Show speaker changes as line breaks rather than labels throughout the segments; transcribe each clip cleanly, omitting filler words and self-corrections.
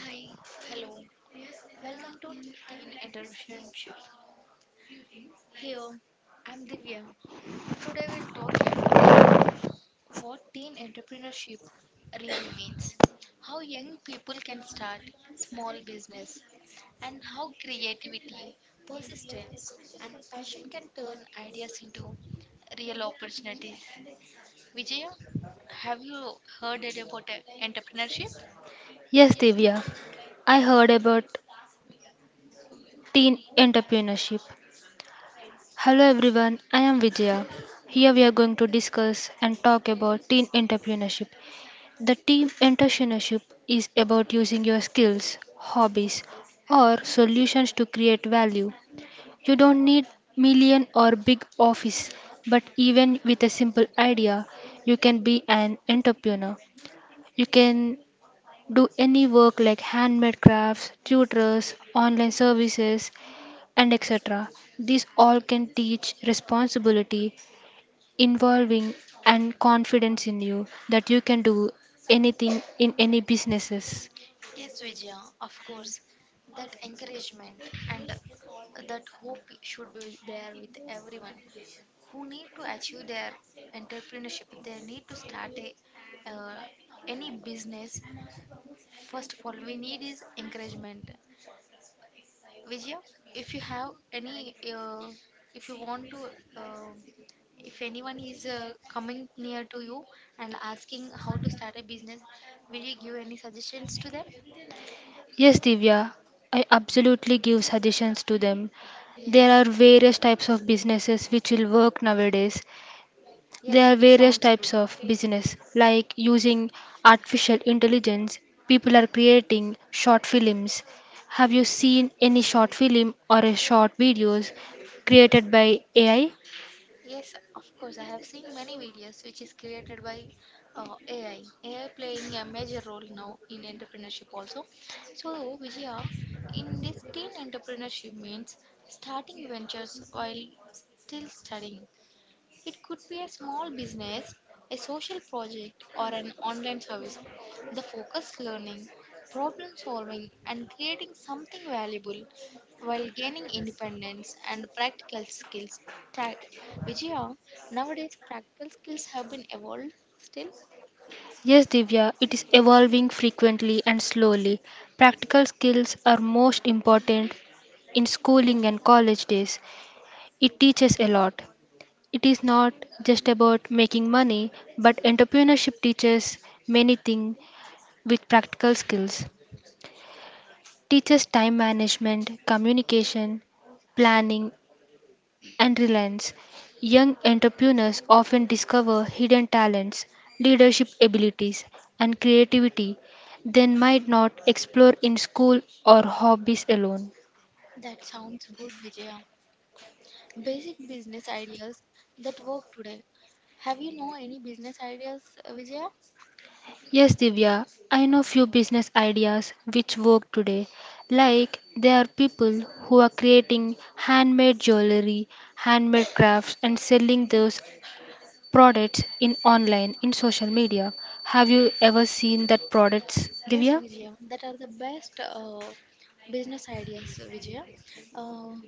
Hi, hello. Welcome to Teen Entrepreneurship. Here, I'm Divya. Today we'll talk about what teen entrepreneurship really means, how young people can start small business, and how creativity, persistence, and passion can turn ideas into real opportunities. Vijaya, have you heard it about entrepreneurship?
Yes, Divya, I heard about teen entrepreneurship. Hello everyone, I am Vijaya. Here we are going to discuss and talk about teen entrepreneurship. The teen entrepreneurship is about using your skills, hobbies, or solutions to create value. You don't need million or big office, but even with a simple idea, you can be an entrepreneur. You can do any work like handmade crafts, tutors, online services, and etc. These all can teach responsibility, involving, and confidence in you that you can do anything in any businesses.
Yes, Vijaya, of course. That encouragement and that hope should be there with everyone who need to achieve their entrepreneurship. They need to start uh, any business. First of all, we need is encouragement. Vijaya, if you have any, if you want to, uh, if anyone is coming near to you and asking how to start a business, will you give any suggestions to them?
Yes, Divya, I absolutely give suggestions to them.
Yes,
There are various types of businesses which will work nowadays.
yes,
There are
it
various
sounds good.
types of business, like using artificial intelligence, people are creating short films. Have you seen any short film or a short videos created by AI?
Yes, of course. I have seen many videos which is created by AI. AI playing a major role now in entrepreneurship also. So, Vijaya, in this teen entrepreneurship means starting ventures while still studying. It could be a small business, a social project, or an online service. The focus learning, problem solving, and creating something valuable while gaining independence and practical skills. Pra- Vijaya, nowadays practical skills have been evolved still.
Yes, Divya, it is evolving frequently and slowly. Practical skills are most important in schooling and college days. It teaches a lot. It is not just about making money, but entrepreneurship teaches many things with practical skills. Teaches time management, communication, planning, and reliance. Young entrepreneurs often discover hidden talents, leadership abilities, and creativity they might not explore in school or hobbies alone.
That sounds good, Vijaya. Basic business ideas that work today. Have you know any business ideas, Vijaya?
Yes, Divya, I know few business ideas which work today. Like there are people who are creating handmade jewelry, handmade crafts, and selling those products in online in social media. Have you ever seen that products,
Yes,
Divya?
Vijaya, that are the best business ideas, Vijaya. Uh,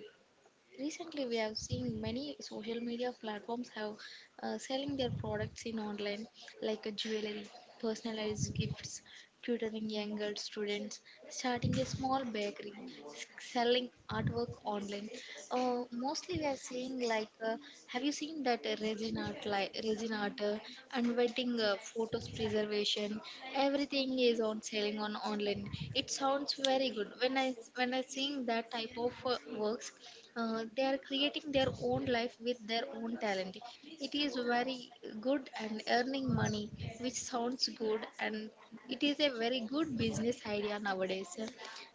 Recently, we have seen many social media platforms have selling their products in online, like jewelry, personalized gifts, tutoring younger students, starting a small bakery, s- selling artwork online. Mostly, we are seeing like, have you seen that resin art, like resin art, and wedding photos preservation? Everything is on selling on online. It sounds very good when I seeing that type of works, they are creating their own life with their own talent. It is very good and earning money, which sounds good, and it is a very good business idea nowadays.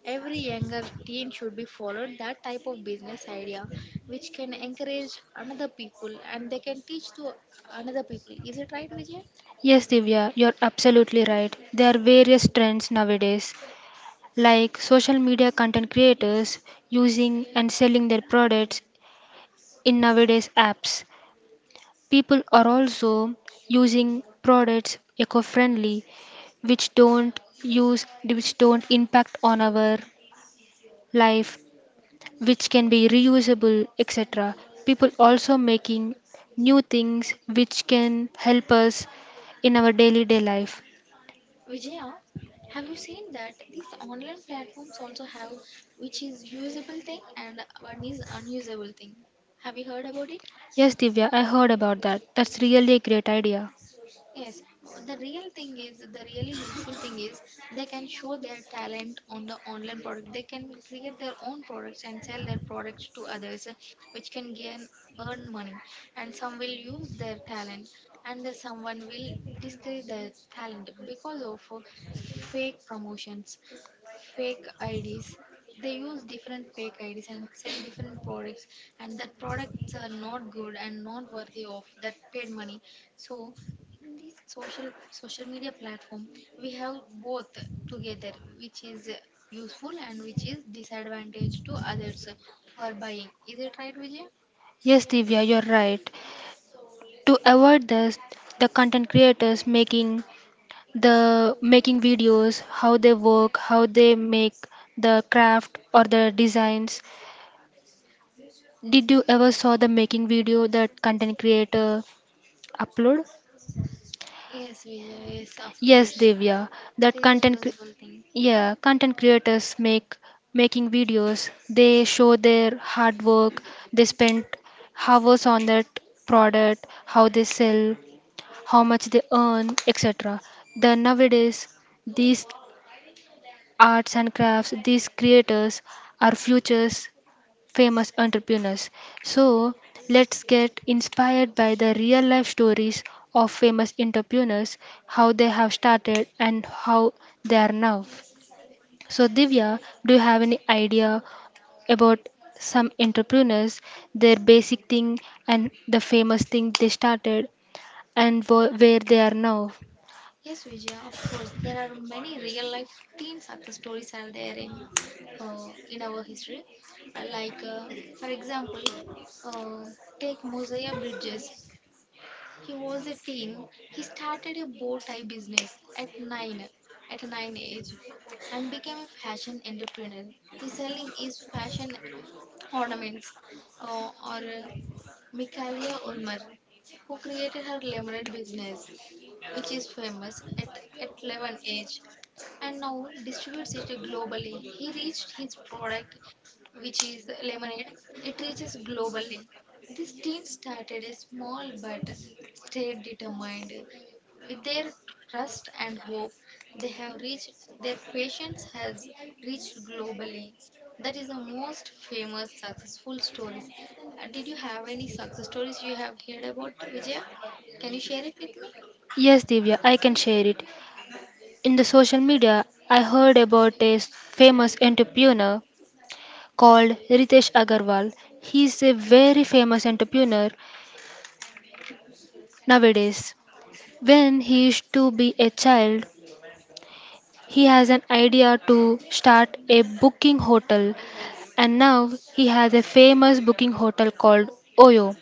Every younger teen should be followed that type of business idea, which can encourage another people and they can teach to another people. Is it right, Vijay?
Yes, Divya, you're absolutely right. There are various trends nowadays, like social media content creators using and selling their products in nowadays apps. People are also using products eco-friendly, which don't use, which don't impact on our life, which can be reusable, etc. People also making new things which can help us in our daily day life.
Vijaya, have you seen that these online platforms also have, which is usable thing and one is unusable thing? Have you heard about it?
Yes, Divya, I heard about that. That's really a great idea.
Yes, the real thing is the really useful thing is they can show their talent on the online product. They can create their own products and sell their products to others, which can gain earn money. And some will use their talent, and someone will discredit their talent because of fake promotions, fake IDs. They use different fake IDs and sell different products, and that products are not good and not worthy of that paid money. So in this social media platform, we have both together, which is useful and which is disadvantage to others who are buying. Is it right, Vijay?
Yes, Divya, you're right. To avoid this, the content creators making the making videos, how they work, how they make the craft or the designs. Did you ever saw the making video that content creator upload?
Yes, Vijay. Yes, of course.
Yes, Divya,
That
that
is a
content, cre-
use.
yeah, content creators make making videos. They show their hard work. They spend hours on that product, how they sell, how much they earn, etc. The nowadays, these arts and crafts, these creators are futures famous entrepreneurs. So, let's get inspired by the real life stories of famous entrepreneurs, how they have started and how they are now. So, Divya, do you have any idea about some entrepreneurs, their basic thing and the famous thing they started and wo- where they are now?
Yes, Vijaya, of course. There are many real life and success stories are there in our history. Uh, like, uh, for example, uh, take Mosaic. Yes. He was a teen. He started a bow tie business at 9, at a 9 age, and became a fashion entrepreneur. He's selling his fashion ornaments, or Michaela Ulmer, who created her lemonade business, which is famous at 11 age and now distributes it globally. He reached his product, which is lemonade, it reaches globally. This team started a small but stayed determined. With their trust and hope, they have reached, their patience has reached globally. That is the most famous successful stories. Did you have any success stories you have heard about, Vijay? Can you share it with me?
Yes, Divya, I can share it. In the social media, I heard about a famous entrepreneur called Ritesh Agarwal. He's a very famous entrepreneur nowadays. When he used to be a child, he has an idea to start a booking hotel, and now he has a famous booking hotel called Oyo.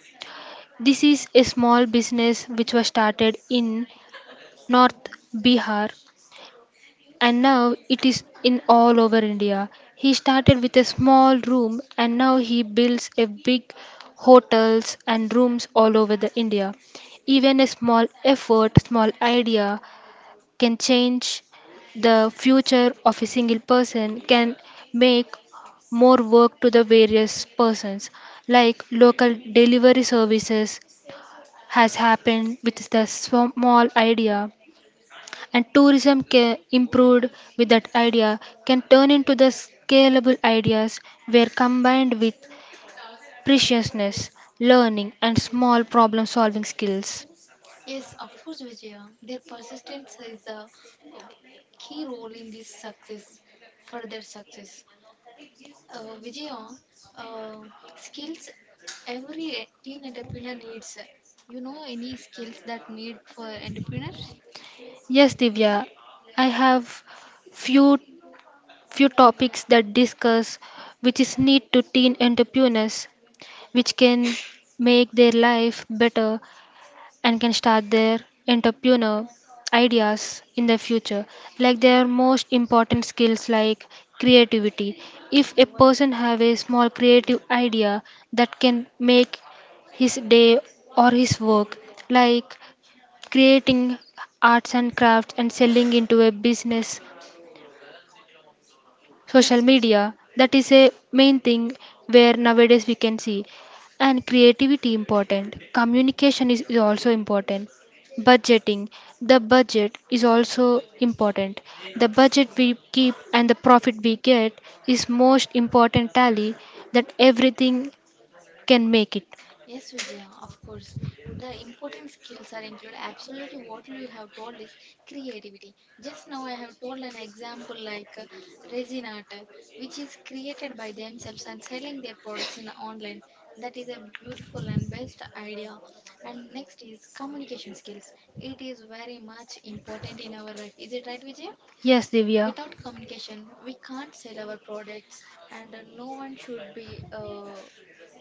This is a small business which was started in North Bihar and now it is in all over India. He started with a small room and now he builds a big hotels and rooms all over the India. Even a small effort, small idea can change the future of a single person, can make more work to the various persons like local delivery services has happened with the small idea, and tourism ca- improved with that idea, can turn into the scalable ideas where combined with preciousness, learning and small problem solving skills.
Yes, of course, Vijaya. Their persistence is the uh, key role in this success, further success. Vijaya, uh, skills every teen entrepreneur needs. You know any skills that need for entrepreneurs?
Yes, Divya, I have few few topics that discuss which is need to teen entrepreneurs, which can make their life better and can start their entrepreneur ideas in the future. Like their most important skills like creativity. If a person have a small creative idea, that can make his day or his work, like creating arts and crafts and selling into a business,
Yes,
social media,
Vijaya.
that is a main thing where nowadays we can see. And creativity important, communication is also important. Budgeting, the budget is also important. The budget we keep and the profit we get is most important tally, that everything can make it.
Yes, Vijaya, of course. The important skills are included. Absolutely, what you have told is creativity. Just now, I have told an example like resin art, which is created by themselves and selling their products in online. That is a beautiful and best idea. And next is communication skills. It is very much important in our life. Is it right, Vijaya?
Yes, Divya.
Without communication, we can't sell our products, and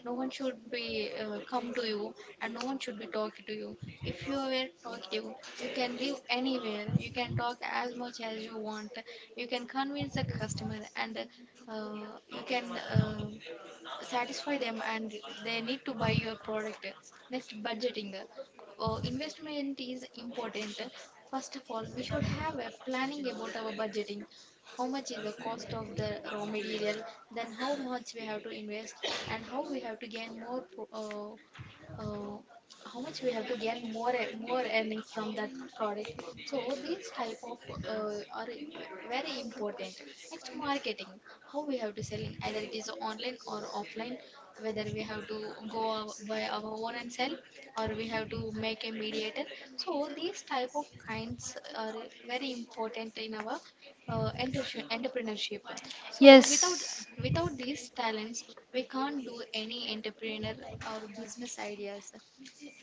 no one should be come to you, and no one should be talking to you. If you were talkative, you can live anywhere. You can talk as much as you want. You can convince the customer, and you can. Satisfy them, and they need to buy your product. Next, budgeting, investment is important. First of all, we should have a planning about our budgeting. How much is the cost of the raw material? Then how much we have to invest, and how we have to gain uh, uh, how much we have to gain more earnings from that product. So these type of uh, are i- very important. Next, marketing. How we have to selling, either it is online or offline, whether we have to go our, by our own and sell, or we have to make a mediator. So these type of kinds are very important in our entrepreneurship. So without without these talents, we can't do any entrepreneur or business ideas.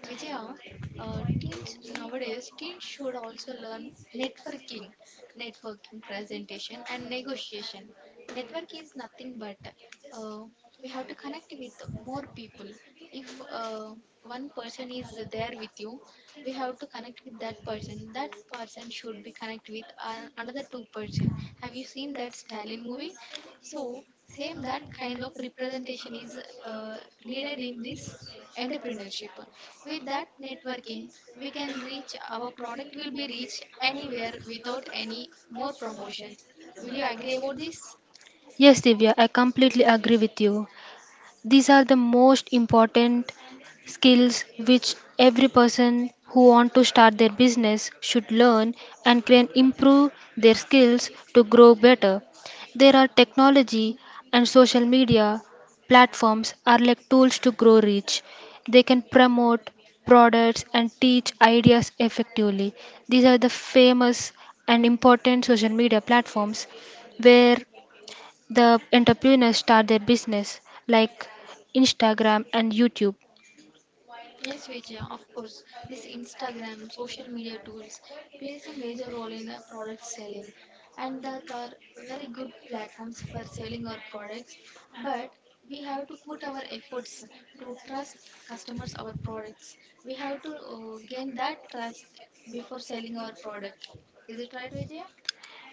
Vijaya, teens nowadays teens should also learn networking, presentation, and negotiation. Network is nothing but uh, we have to connect with more people. If one person is there with you, we have to connect with that person. That person should be connected with another two person. Have you seen that Stalin movie? So same that kind of representation is uh, needed in this entrepreneurship. With that networking, we can reach, our product will be reached anywhere without any more promotions. Will you agree about this?
Yes, Divya, I completely agree with you. These are the most important skills which every person who want to start their business should learn and can improve their skills to grow better. There are technology and social media platforms are like tools to grow reach. They can promote products and teach ideas effectively. These are the famous and important social media platforms where the entrepreneurs start their business, like Instagram and YouTube.
Yes, Vijaya, of course. This Instagram, social media tools plays a major role in a product selling, and that are very good platforms for selling our products. But we have to put our efforts to trust customers our products. We have to gain that trust before selling our product. Is it right, Vijaya?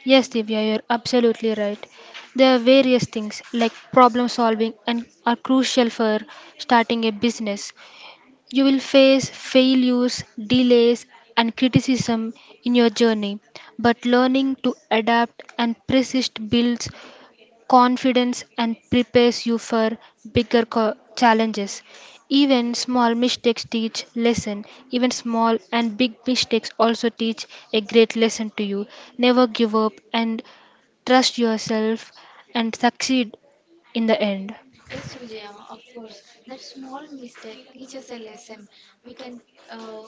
Yes, Divya, you're absolutely right. There are various things like problem solving and are crucial for starting a business. You will face failures, delays, and criticism in your journey, but learning to adapt and persist builds confidence and prepares you for bigger co- challenges. Even small mistakes teach lesson. Even small and big mistakes also teach a great lesson to you. Never give up and trust yourself and succeed in the end.
Yes, Vijaya, of course. That small mistake teaches a lesson. We can, uh,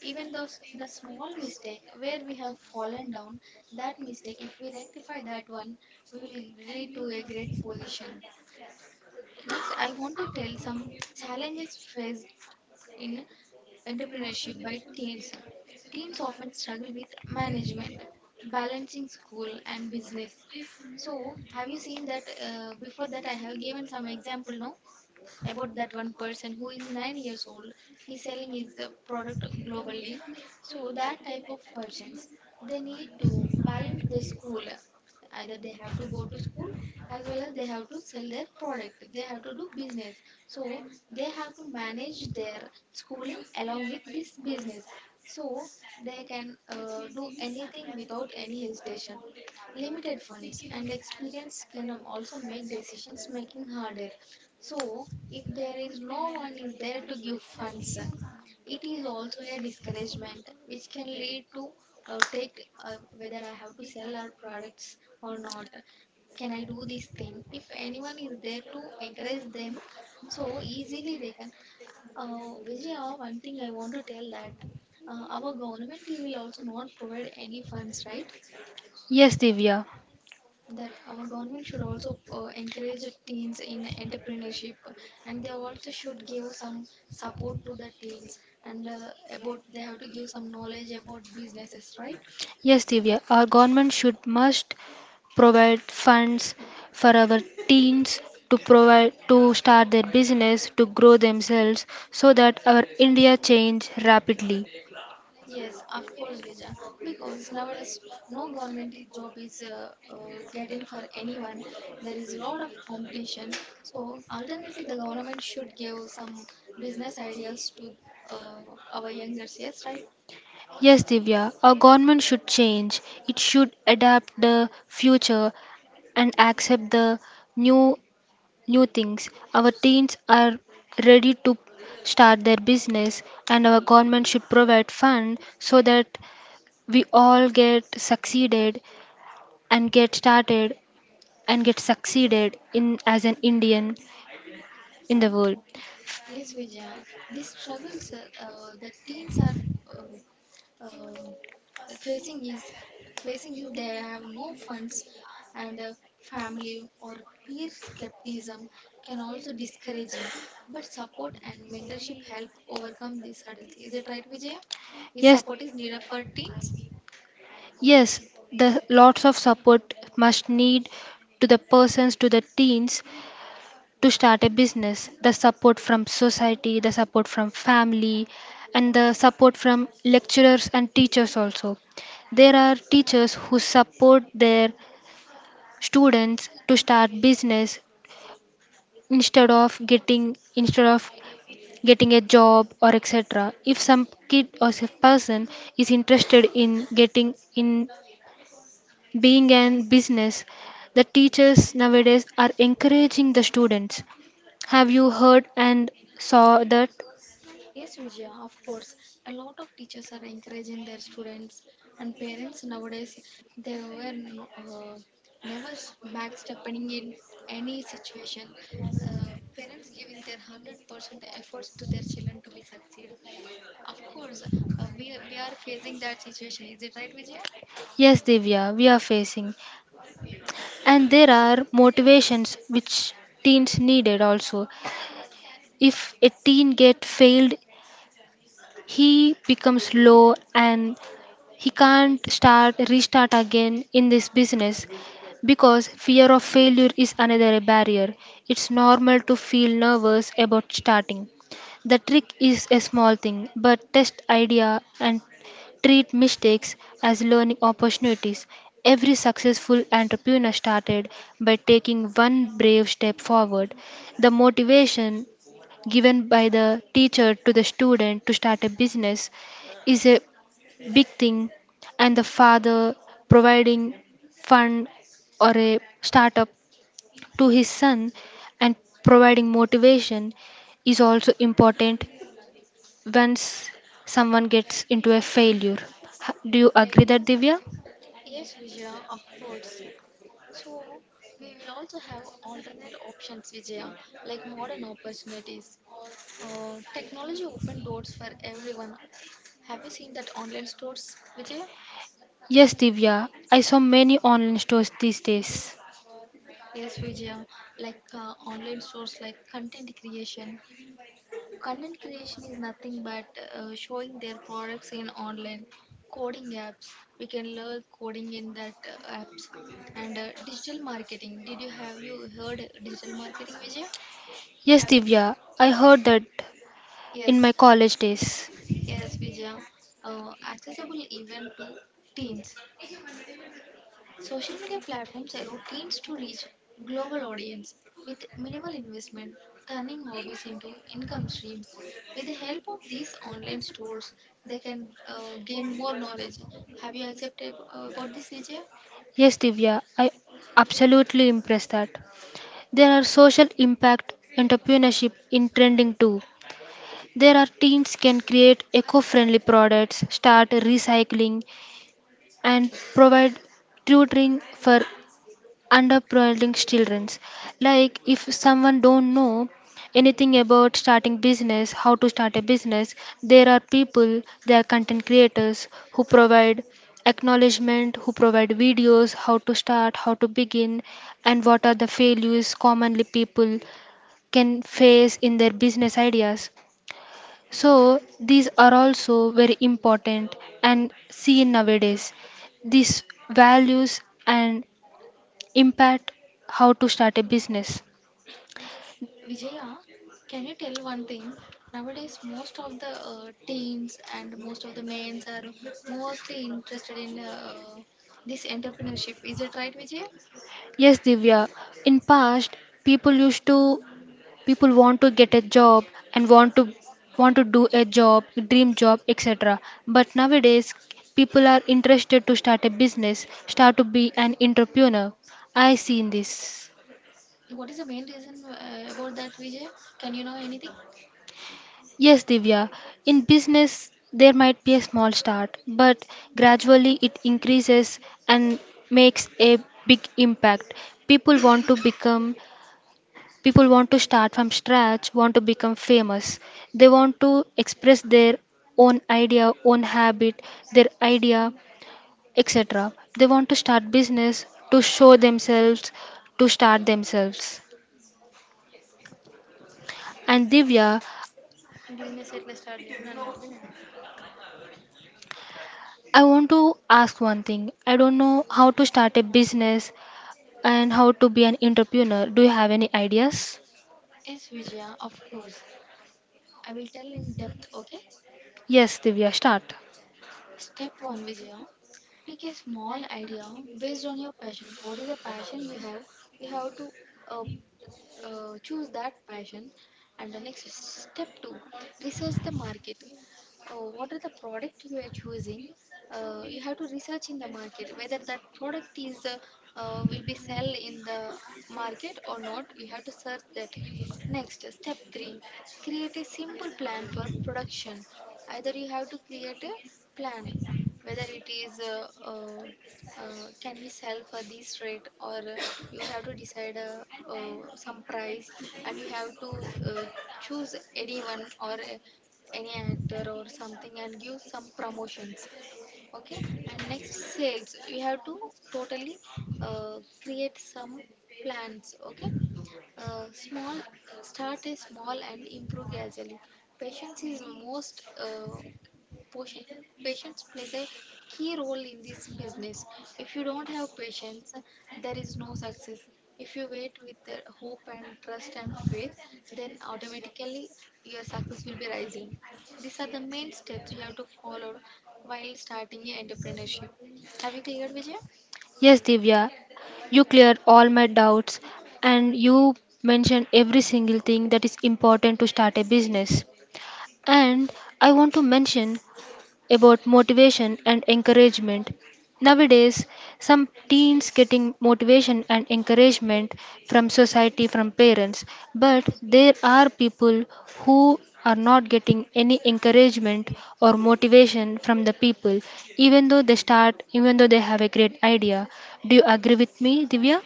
even though the small mistake where we have fallen down, that mistake, if we rectify that one, we will lead to a great position. Next, I want to tell some challenges faced in entrepreneurship by teens. Teens often struggle with management, balancing school and business. So, have you seen that? Before that, I have given some example, no? About that one person who is 9 years old. He's selling his product globally. So that type of persons, they need to balance their school. Either they have to go to school as well as they have to sell their product. They have to do business. So they have to manage their schooling along with this business. So they can do anything without any hesitation. Limited funds and experience can also make decisions making harder. So, if there is no one is there to give funds, it is also a discouragement, which can lead to take whether I have to sell our products or not. Can I do this thing? If anyone is there to encourage them, so easily they can. Vijaya, one thing I want to tell that our government will also not provide any funds, right?
Yes, Divya.
That our government should also encourage the teens in entrepreneurship, and they also should give some support to the teens, and about they have to give some knowledge about businesses, right?
Yes, Divya, our government should must provide funds for our teens to provide to start their business to grow themselves, so that our India change rapidly.
Yes, of course, Vijay. Because nowadays no government job is getting for anyone. There is a lot of competition. So alternately the government should give some business ideas to uh, our youngers. Yes, right.
Yes, Divya, our government should change. It should adapt the future and accept the new new things. Our teens are ready to start their business and our government should provide fund so that we all get succeeded and get started and get succeeded in as an Indian in the world.
Yes, Vijaya. These struggles that teens are uh, uh, facing is facing is they have no funds, and family or peer skepticism can also discouraging. But support and mentorship help overcome these hurdles. Is it right, Vijaya? Is
Yes,
support needed for teens?
yes, the lots of support must need to the persons to the teens to start a business. The support from society, the support from family, and the support from lecturers and teachers also. There are teachers who support their students to start business instead of getting, instead of getting a job or etc. If some kid or some person is interested in getting in being an business, the teachers nowadays are encouraging the students. Have you heard and saw that?
Yes, Vijaya, of course. A lot of teachers are encouraging their students and parents nowadays. They were never backstepping in any situation. Parents giving their 100% efforts to their children to be succeed. Of course, we are facing that situation. Is it right, Vijaya?
Yes, Divya, we are facing. And there are motivations which teens needed also. If a teen get failed, he becomes low and he can't start restart again in this business, because fear of failure is another barrier. It's normal to feel nervous about starting. The trick is a small thing, but test idea and treat mistakes as learning opportunities. Every successful entrepreneur started by taking one brave step forward. The motivation given by the teacher to the student to start a business is a big thing, and the father providing fund or a startup to his son and providing motivation is also important once someone gets into a failure. H- do you agree that, Divya?
Yes, Vijaya, of course. So, we will also have alternate options, Vijaya, like modern opportunities. Technology open doors for everyone. Have you seen that online stores, Vijay?
Yes, Divya, I saw many online stores these days.
Yes, Vijay. Like online stores, like content creation. Content creation is nothing but showing their products in online coding apps. We can learn coding in that apps and digital marketing. Did you have you heard digital marketing, Vijay?
Yes,
Have you?
Divya, I heard that in my
Yes,
college days.
yes, Vijay. Accessible even to teens. Social media platforms allow teams to reach global audience with minimal investment, turning hobbies into income streams. With the help of these online stores, they can gain more knowledge. Have you accepted about this, Vijaya?
Yes, Divya, I absolutely impressed that there are social impact entrepreneurship in trending too. There are teams can create eco-friendly products, start recycling and provide tutoring for underprivileged children. Like if someone don't know anything about starting business, how to start a business, there are people, there are content creators who provide acknowledgement, who provide videos how to start, how to begin, and what are the failures commonly people can face in their business ideas. So these are also very important and seen nowadays. These values and impact how to start a business.
Vijaya, can you tell one thing? Nowadays, most of the teens and most of the men are mostly interested in this entrepreneurship. Is it right, Vijaya?
Yes, Divya. In past, people used to, people want to get a job and want to, want to do a job, dream job, etc. But nowadays, people are interested to start a business, start to be an entrepreneur. I seen this.
What is the main reason about that, Vijaya? Can you know anything?
Yes, Divya. In business, there might be a small start, but gradually it increases and makes a big impact. People want to become, people want to start from scratch, want to become famous. They want to express their own idea, own habit, their idea, etc. They want to start business to show themselves, to start themselves. And Divya, I want to ask one thing. I don't know how to start a business and how to be an entrepreneur. Do you have any ideas?
Yes, Vijaya, of course. I will tell in depth, okay?
Yes, Divya, start.
Step one, Vijaya. Pick a small idea based on your passion. What is the passion you have? You have to uh, choose that passion. And the next is step two, research the market. What are the product you are choosing? You have to research in the market whether that product is will be sell in the market or not. You have to search that. Next, step three create a simple plan for production. Either you have to create a plan, whether it is can we sell for this rate, or you have to decide some price, and you have to choose anyone or any actor or something and give some promotions. Okay, and next, sales you have to totally create some plans. Okay, small start a small and improve gradually. Patience is most potion, patience plays a key role in this business. If you don't have patience, there is no success. If you wait with hope and trust and faith, then automatically your success will be rising. These are the main steps you have to follow while starting your entrepreneurship. Have you cleared, Vijay?
Yes, Divya, you cleared all my doubts and you mentioned every single thing that is important to start a business. And I want to mention about motivation and encouragement. Nowadays, some teens getting motivation and encouragement from society, from parents, but there are people who are not getting any encouragement or motivation from the people, even though they start, even though they have a great idea. Do you agree with me, Divya?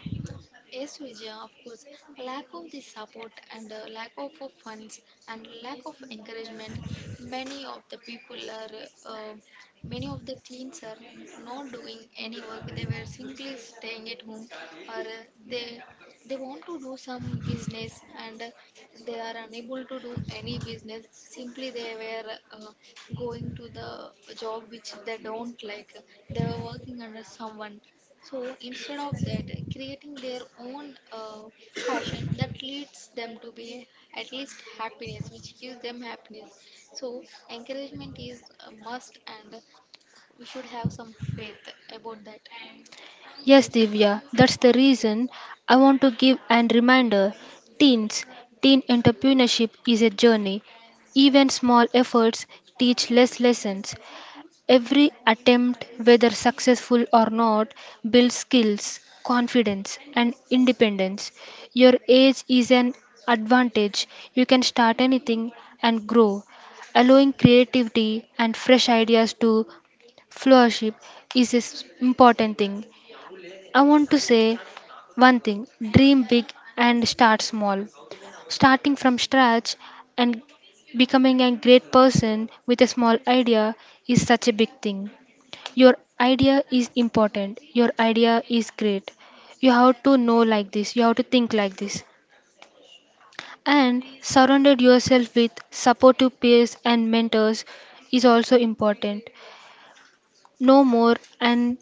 Yes, Vijaya, of course. Lack of the support and lack of funds and lack of encouragement. Many of the people are, uh, Many of the teens are not doing any work. They were simply staying at home, or they they want to do some business and they are unable to do any business. Simply, they were going to the job which they don't like. They were someone. So instead of that, creating their own passion that leads them to be at least happiness, which gives them happiness. So encouragement is a must, and we should have some faith about that.
Yes,
Y-
Divya, that's the reason I want to give an reminder. Teens, teen entrepreneurship is a journey. Even small efforts teach less lessons. Every attempt, whether successful or not, builds skills, confidence, and independence. Your age is an advantage. You can start anything and grow. Allowing creativity and fresh ideas to flourish is an important thing. I want to say one thing, dream big and start small. Starting from scratch and becoming a great person with a small idea is such a big thing. Your idea is important, your idea is great. You have to know like this, you have to think like this. And surrounded yourself with supportive peers and mentors is also important. Know more and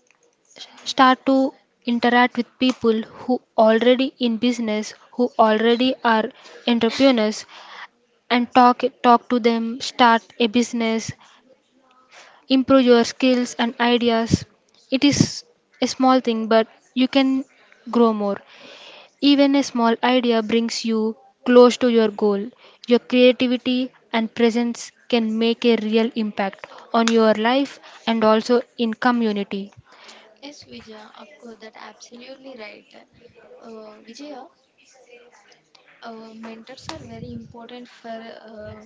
start to interact with people who already in business, who already are entrepreneurs, and talk to them, start a business, improve your skills and ideas. It is a small thing but you can grow more. Even a small idea brings you close to your goal. Your creativity and presence can make a real impact on your life and also in community.
Yes, Vijaya, of course, that absolutely right. Vijaya, mentors are very important for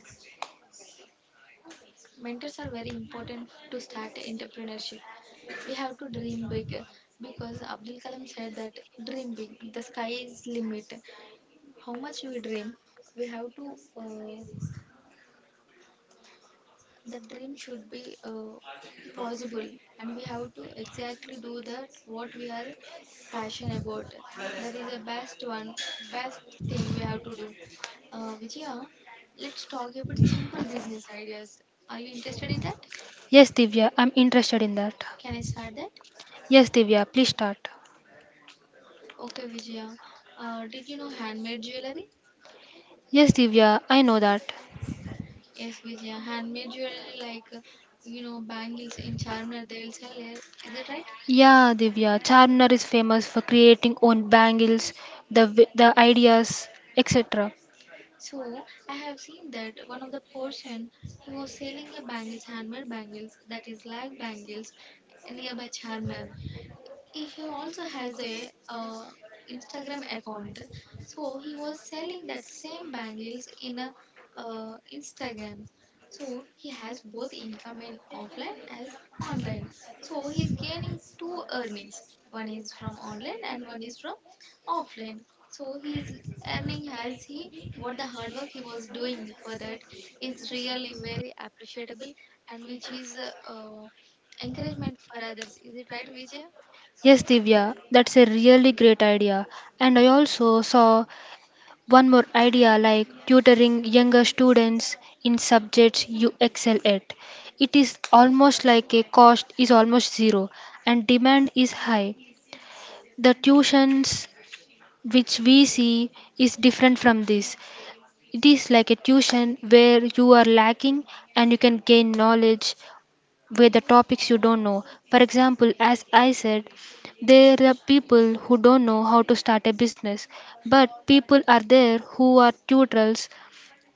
Mentors are very important to start entrepreneurship. We have to dream big because Abdul Kalam said that dream big, the sky is limit. How much we dream, we have to, uh, the dream should be possible and we have to exactly do that what we are passionate about. That is the best one, best thing we have to do. Vijaya, let's talk about simple business ideas. Are you interested in that?
Yes, Divya, I'm interested in that.
Can I start that?
Yes, Divya, please start.
Okay, Vijaya. Did you know handmade jewelry?
Yes, Divya, I know that.
Yes, Vijaya. Handmade jewelry, like you know, bangles in Charminar, they will sell it. Is it right?
Yeah, Divya, Charminar is famous for creating own bangles, the wi- the ideas, etc.
So I have seen that one of the person he was selling a bangles, handmade bangles that is like bangles nearby Charminar. He also has a Instagram account, so he was selling that same bangles in a Instagram. So he has both income in offline as online. So he's gaining two earnings. One is from online and one is from offline. So he's earning as he what the hard work he was doing for that is really very appreciable and which is uh, encouragement for others. Is it right, Vijaya?
Yes, Divya, that's a really great idea. And I also saw one more idea like tutoring younger students in subjects you excel at. It is almost like a cost is almost zero and demand is high. The tuitions which we see is different from this. It is like a tuition where you are lacking and you can gain knowledge with the topics you don't know. For example, as I said, there are people who don't know how to start a business, but people are there who are tutors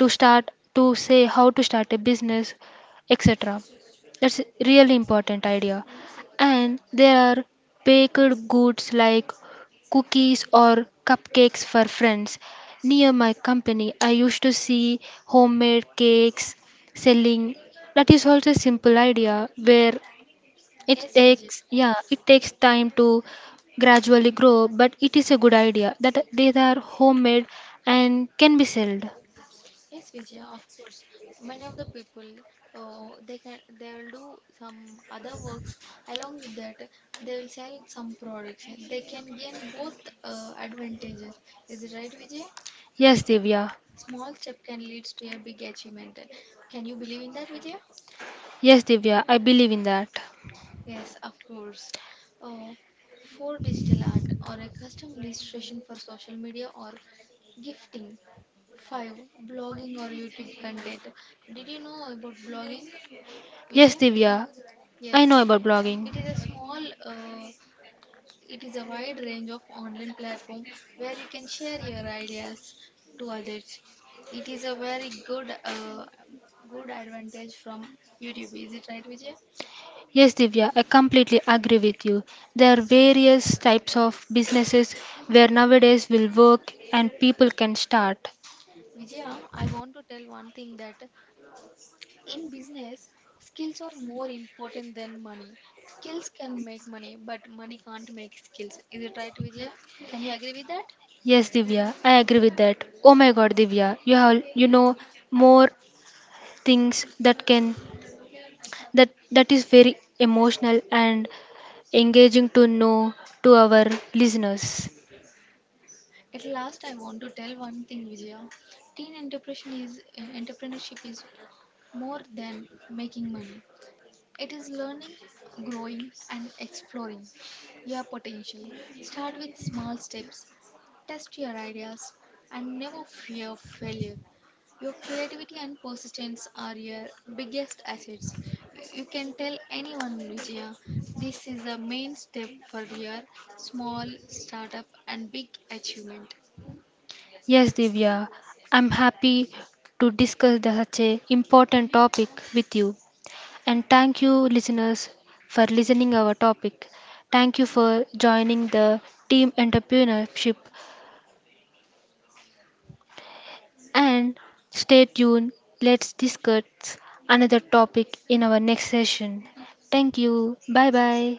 to start to say how to start a business, etc. That's really important idea. And there are baked goods like cookies or cupcakes for friends. Near my company I used to see homemade cakes selling. That is also a simple idea where it
Yes, Vijay.
takes, yeah, it takes time to gradually grow, but it is a good idea that they are homemade and can be sold.
Yes, Vijay, of course. Many of the people, oh, they can, they will do some other works. Along with that, they will sell some products. They can gain both advantages. Is it right, Vijay?
Yes, Divya.
Small step can lead to a big achievement. Can you believe in that, Vijay?
Yes, Divya, I believe in that.
Yes, of course. Oh, for digital art or a custom illustration for social media or gifting. 5. Blogging or YouTube content. Did you know about blogging,
Yes,
Vijay?
Divya, I
Yes.
know about blogging.
It is a small, it is a wide range of online platform where you can share your ideas to others. It is a very good, good advantage from YouTube. Is it right, Vijay?
Yes, Divya, I completely agree with you. There are various types of businesses where nowadays will work and people can start.
Vijaya, I want to tell one thing that in business, skills are more important than money. Skills can make money, but money can't make skills. Is it right, Vijay? Can you agree with that?
Yes, Divya, I agree with that. Oh my God, Divya, you have you know more things that can, that that is very emotional and engaging to know to our listeners.
At last, I want to tell one thing, Vijay. Entrepreneurship is more than making money. It is learning, growing, and exploring your potential. Start with small steps. Test your ideas and never fear failure. Your creativity and persistence are your biggest assets. You can tell anyone, Vijaya, this is a main step for your small startup and big achievement.
Yes, Divya, I'm happy to discuss the- such a important topic with you. And thank you, listeners, for listening our topic. Thank you for joining the team entrepreneurship. And stay tuned. Let's discuss another topic in our next session. Thank you. Bye bye.